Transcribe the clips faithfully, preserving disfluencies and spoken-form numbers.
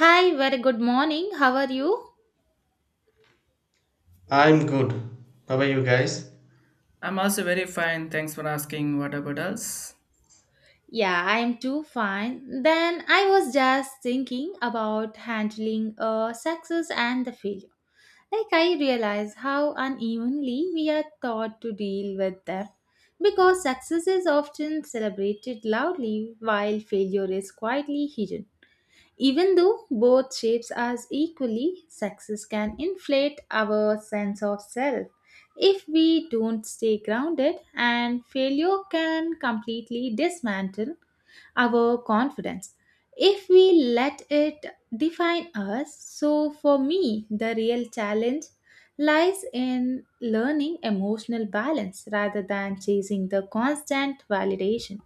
Hi, very good morning. How are you? I'm good. How are you guys? I'm also very fine. Thanks for asking. What about us? Yeah, I am too fine. Then I was just thinking about handling uh, success and the failure. Like I realize how unevenly we are taught to deal with them because success is often celebrated loudly while failure is quietly hidden. Even though both shapes us equally, success can inflate our sense of self if we don't stay grounded, and failure can completely dismantle our confidence if we let it define us. So, for me, the real challenge lies in learning emotional balance rather than chasing the constant validation.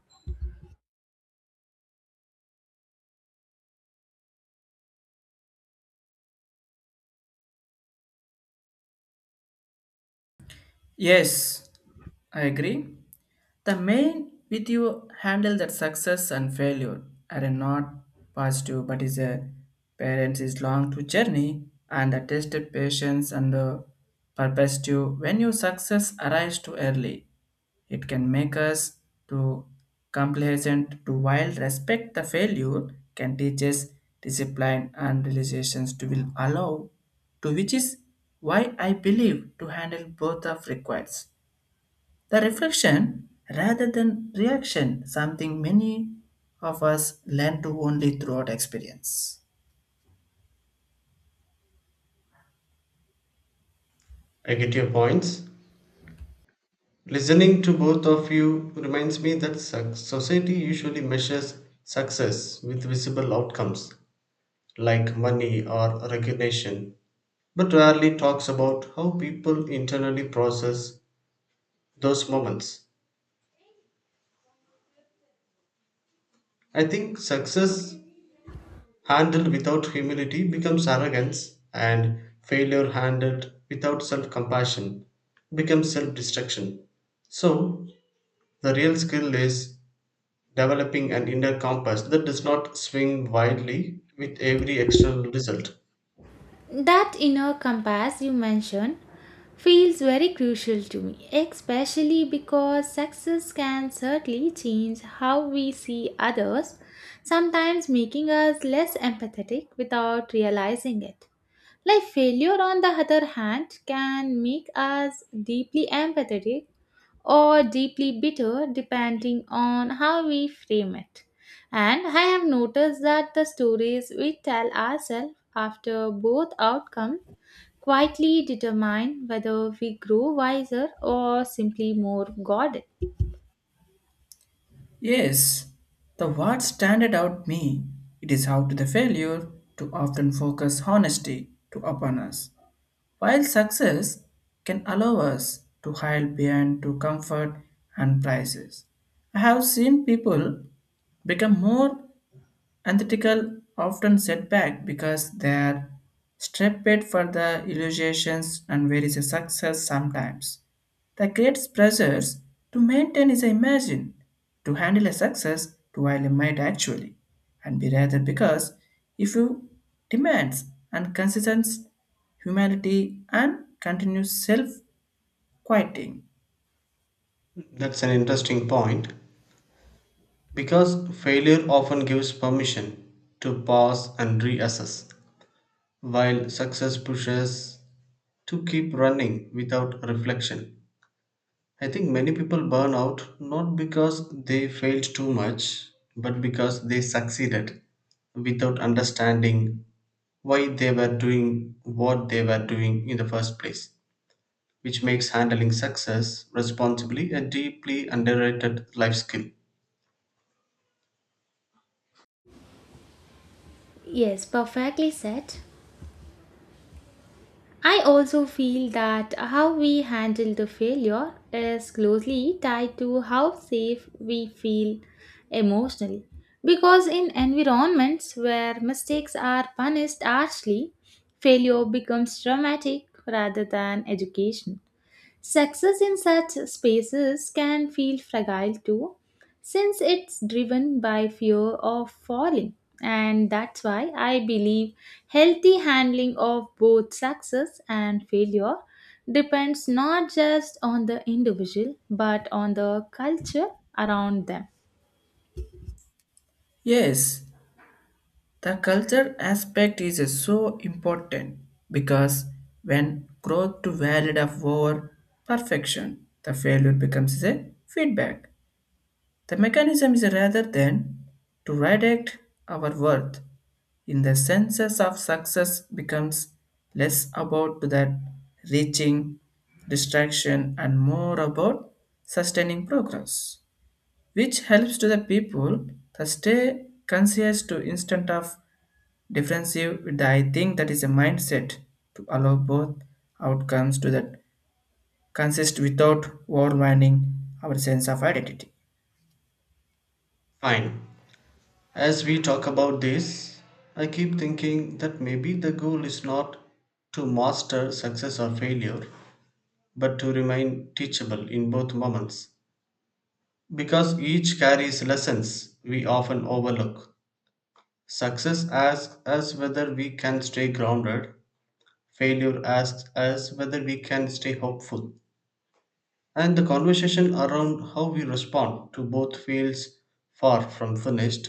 Yes, I agree. The main with you handle that success and failure are not positive, but is a parents is long to journey and the tested patience and the purpose to when your success arrives too early. It can make us to complacent to while respect the failure can teach us discipline and realizations to will allow to which is why I believe to handle both of requires the reflection rather than reaction something many of us learn to only throughout experience. I get your points. Listening to both of you reminds me that suc- society usually measures success with visible outcomes like money or recognition, but rarely talks about how people internally process those moments. I think success handled without humility becomes arrogance, and failure handled without self compassion becomes self destruction. So, the real skill is developing an inner compass that does not swing wildly with every external result. That inner compass you mentioned feels very crucial to me, especially because success can certainly change how we see others, sometimes making us less empathetic without realizing it. Like failure, on the other hand, can make us deeply empathetic or deeply bitter depending on how we frame it. And I have noticed that the stories we tell ourselves after both outcomes quietly determine whether we grow wiser or simply more guarded. Yes, the what standard out me, it is how to the failure to often focus honesty to upon us. While success can allow us to hide behind to comfort and prices, I have seen people become more antithetical often set back because they are stripped for the illusions and where is a success sometimes. The creates pressures to maintain is imagine, to handle a success to while a might actually, and be rather because if you demands and consistent humanity and continuous self-quieting. That's an interesting point because failure often gives permission to pause and reassess, while success pushes to keep running without reflection. I think many people burn out not because they failed too much, but because they succeeded without understanding why they were doing what they were doing in the first place, which makes handling success responsibly a deeply underrated life skill. Yes, perfectly said. I also feel that how we handle the failure is closely tied to how safe we feel emotionally. Because in environments where mistakes are punished harshly, failure becomes traumatic rather than education. Success in such spaces can feel fragile too, since it's driven by fear of falling. And that's why I believe healthy handling of both success and failure depends not just on the individual but on the culture around them. Yes, the culture aspect is so important because when growth to valid of over perfection, the failure becomes a feedback. The mechanism is rather than to redact our worth in the senses of success becomes less about that reaching distraction and more about sustaining progress, which helps to the people to stay conscious to instant of defensive, I think that is a mindset to allow both outcomes to that consist without overwinding our sense of identity. Fine. As we talk about this, I keep thinking that maybe the goal is not to master success or failure, but to remain teachable in both moments. Because each carries lessons we often overlook. Success asks us whether we can stay grounded, failure asks us whether we can stay hopeful, and the conversation around how we respond to both feels far from finished,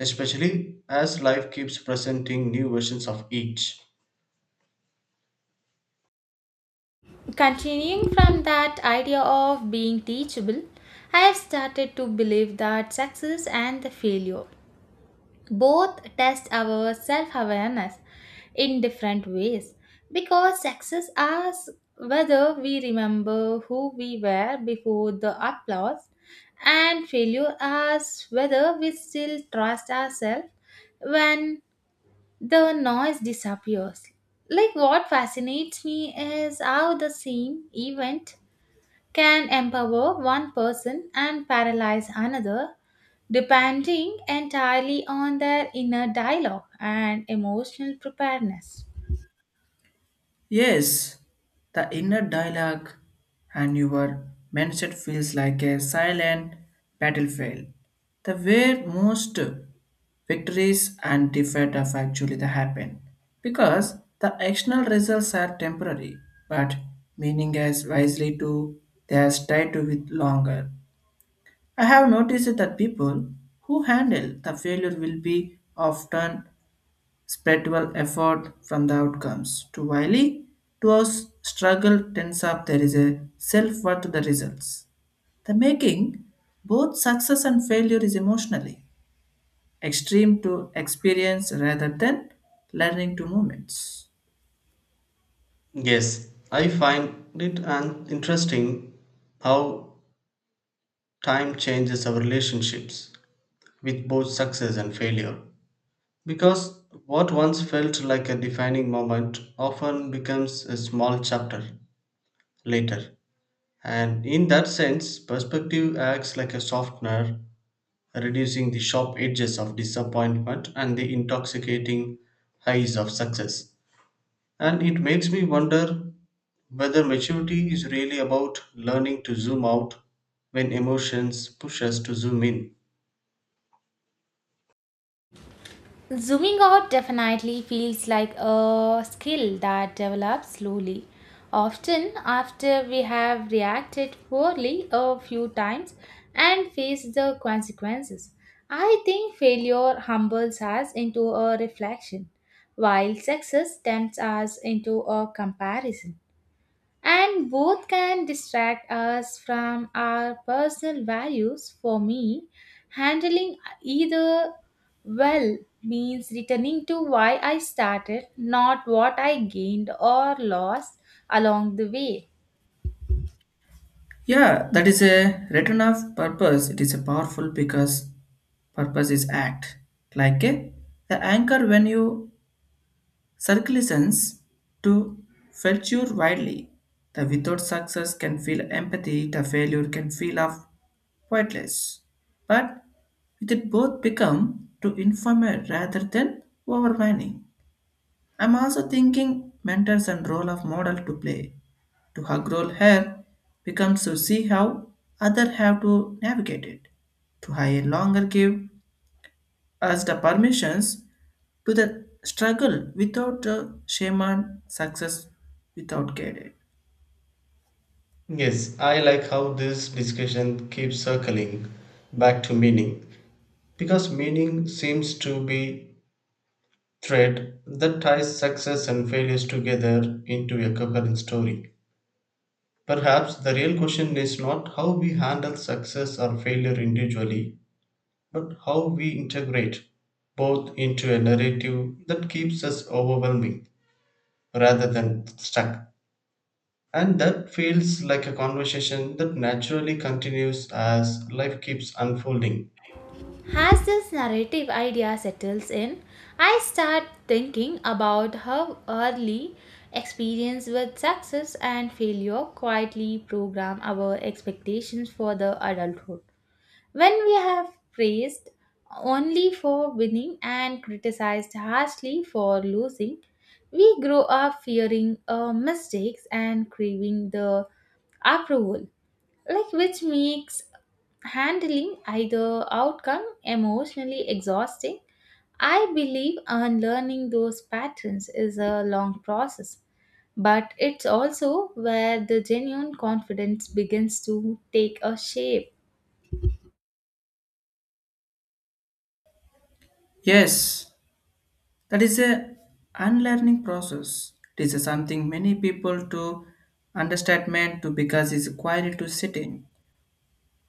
especially as life keeps presenting new versions of each. Continuing from that idea of being teachable, I have started to believe that success and the failure both test our self awareness in different ways because success asks whether we remember who we were before the applause, and failure asks whether we still trust ourselves when the noise disappears. Like, what fascinates me is how the same event can empower one person and paralyze another, depending entirely on their inner dialogue and emotional preparedness. Yes, the inner dialogue and your mindset feels like a silent battlefield. The where most victories and defeat of actually the happen because the external results are temporary but meaning as wisely to they are tied to with longer. I have noticed that people who handle the failure will be often spiritual effort from the outcomes. To Wiley, to us struggle tends up there is a self-worth to the results. The making both success and failure is emotionally extreme to experience rather than learning to moments. Yes, I find it an interesting how time changes our relationships with both success and failure. Because what once felt like a defining moment often becomes a small chapter later, and in that sense, perspective acts like a softener, reducing the sharp edges of disappointment and the intoxicating highs of success. And it makes me wonder whether maturity is really about learning to zoom out when emotions push us to zoom in. Zooming out definitely feels like a skill that develops slowly. Often, after we have reacted poorly a few times and faced the consequences, I think failure humbles us into a reflection, while success tempts us into a comparison and both can distract us from our personal values. For me, handling either well means returning to why I started, not what I gained or lost along the way. Yeah, that is a return of purpose. It is a powerful because purpose is act. Like a, the anchor when you circulations to feature widely. The without success can feel empathy, the failure can feel of pointless. But with it both become to informer rather than overwhelming. I'm also thinking mentors and role of model to play. To hug role here becomes to see how other have to navigate it. To hire longer give us the permissions to the struggle without a shaman success without guided. Yes, I like how this discussion keeps circling back to meaning because meaning seems to be thread that ties success and failures together into a coherent story. Perhaps the real question is not how we handle success or failure individually, but how we integrate both into a narrative that keeps us overwhelming rather than stuck. And that feels like a conversation that naturally continues as life keeps unfolding. As this narrative idea settles in, I start thinking about how early experience with success and failure quietly program our expectations for the adulthood. When we have praised only for winning and criticized harshly for losing, we grow up fearing uh, mistakes and craving the approval, like which makes handling either outcome emotionally exhausting. I believe unlearning those patterns is a long process, but it's also where the genuine confidence begins to take a shape. Yes, that is a unlearning process. It is a something many people to understatement to because it's required to sitting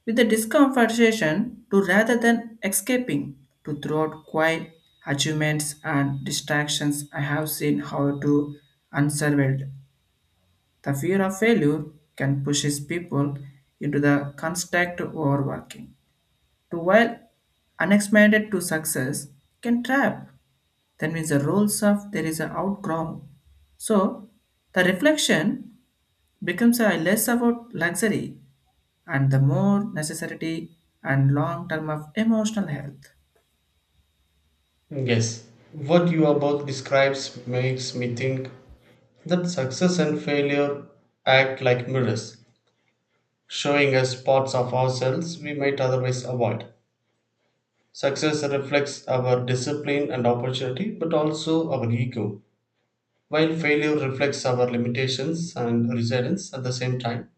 with the discomfortation to rather than escaping to throughout quiet achievements and distractions. I have seen how to unsurveyed the fear of failure can pushes people into the construct overworking to while unexpected to success can trap. That means the roles of there is an outcrow. So the reflection becomes a less about luxury and the more necessity and long term of emotional health. Yes, what you about describes makes me think that success and failure act like mirrors, showing us parts of ourselves we might otherwise avoid. Success reflects our discipline and opportunity, but also our ego, while failure reflects our limitations and resilience at the same time.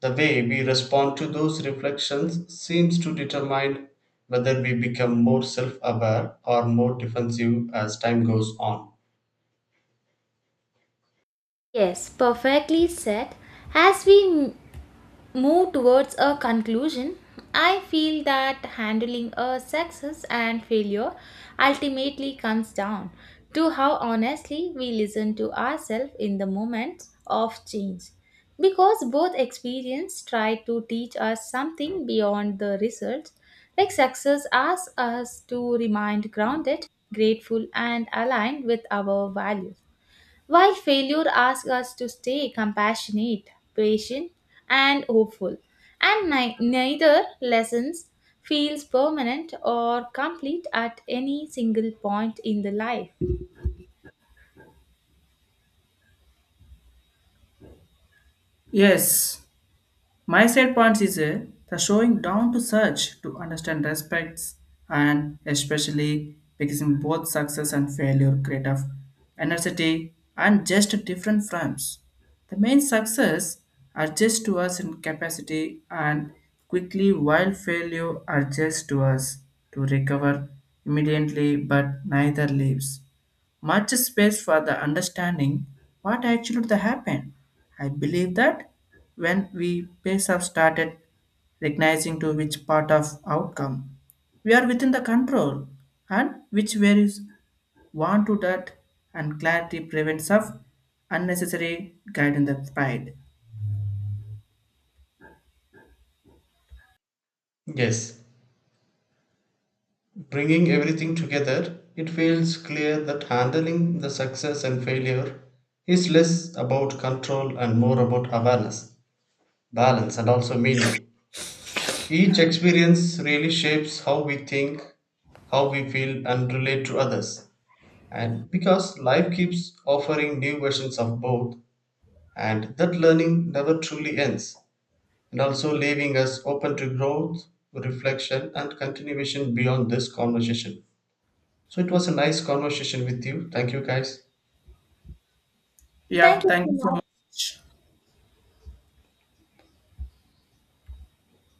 The way we respond to those reflections seems to determine whether we become more self aware or more defensive as time goes on. Yes, perfectly said. As we m- move towards a conclusion, I feel that handling a success and failure ultimately comes down to how honestly we listen to ourselves in the moments of change. Because both experience try to teach us something beyond the results, like success asks us to remain grounded, grateful, and aligned with our values while failure asks us to stay compassionate, patient, and hopeful, and ni- neither lessons feels permanent or complete at any single point in the life. Yes, my side points is uh, the showing down to search to understand respects and especially because in both success and failure create of energy and just different frames. The main success adjusts to us in capacity and quickly while failure adjusts to us to recover immediately but neither leaves much space for the understanding what actually the happened. I believe that when we pace have started recognizing to which part of outcome we are within the control and which varies want to that and clarity prevents of unnecessary guide in the pride. Yes, bringing everything together, it feels clear that handling the success and failure is less about control and more about awareness, balance, and also meaning. Each experience really shapes how we think, how we feel, and relate to others. And because life keeps offering new versions of both, and that learning never truly ends, and also leaving us open to growth, reflection, and continuation beyond this conversation. So it was a nice conversation with you. Thank you, guys. Yeah, Thank you thank so you so much. much.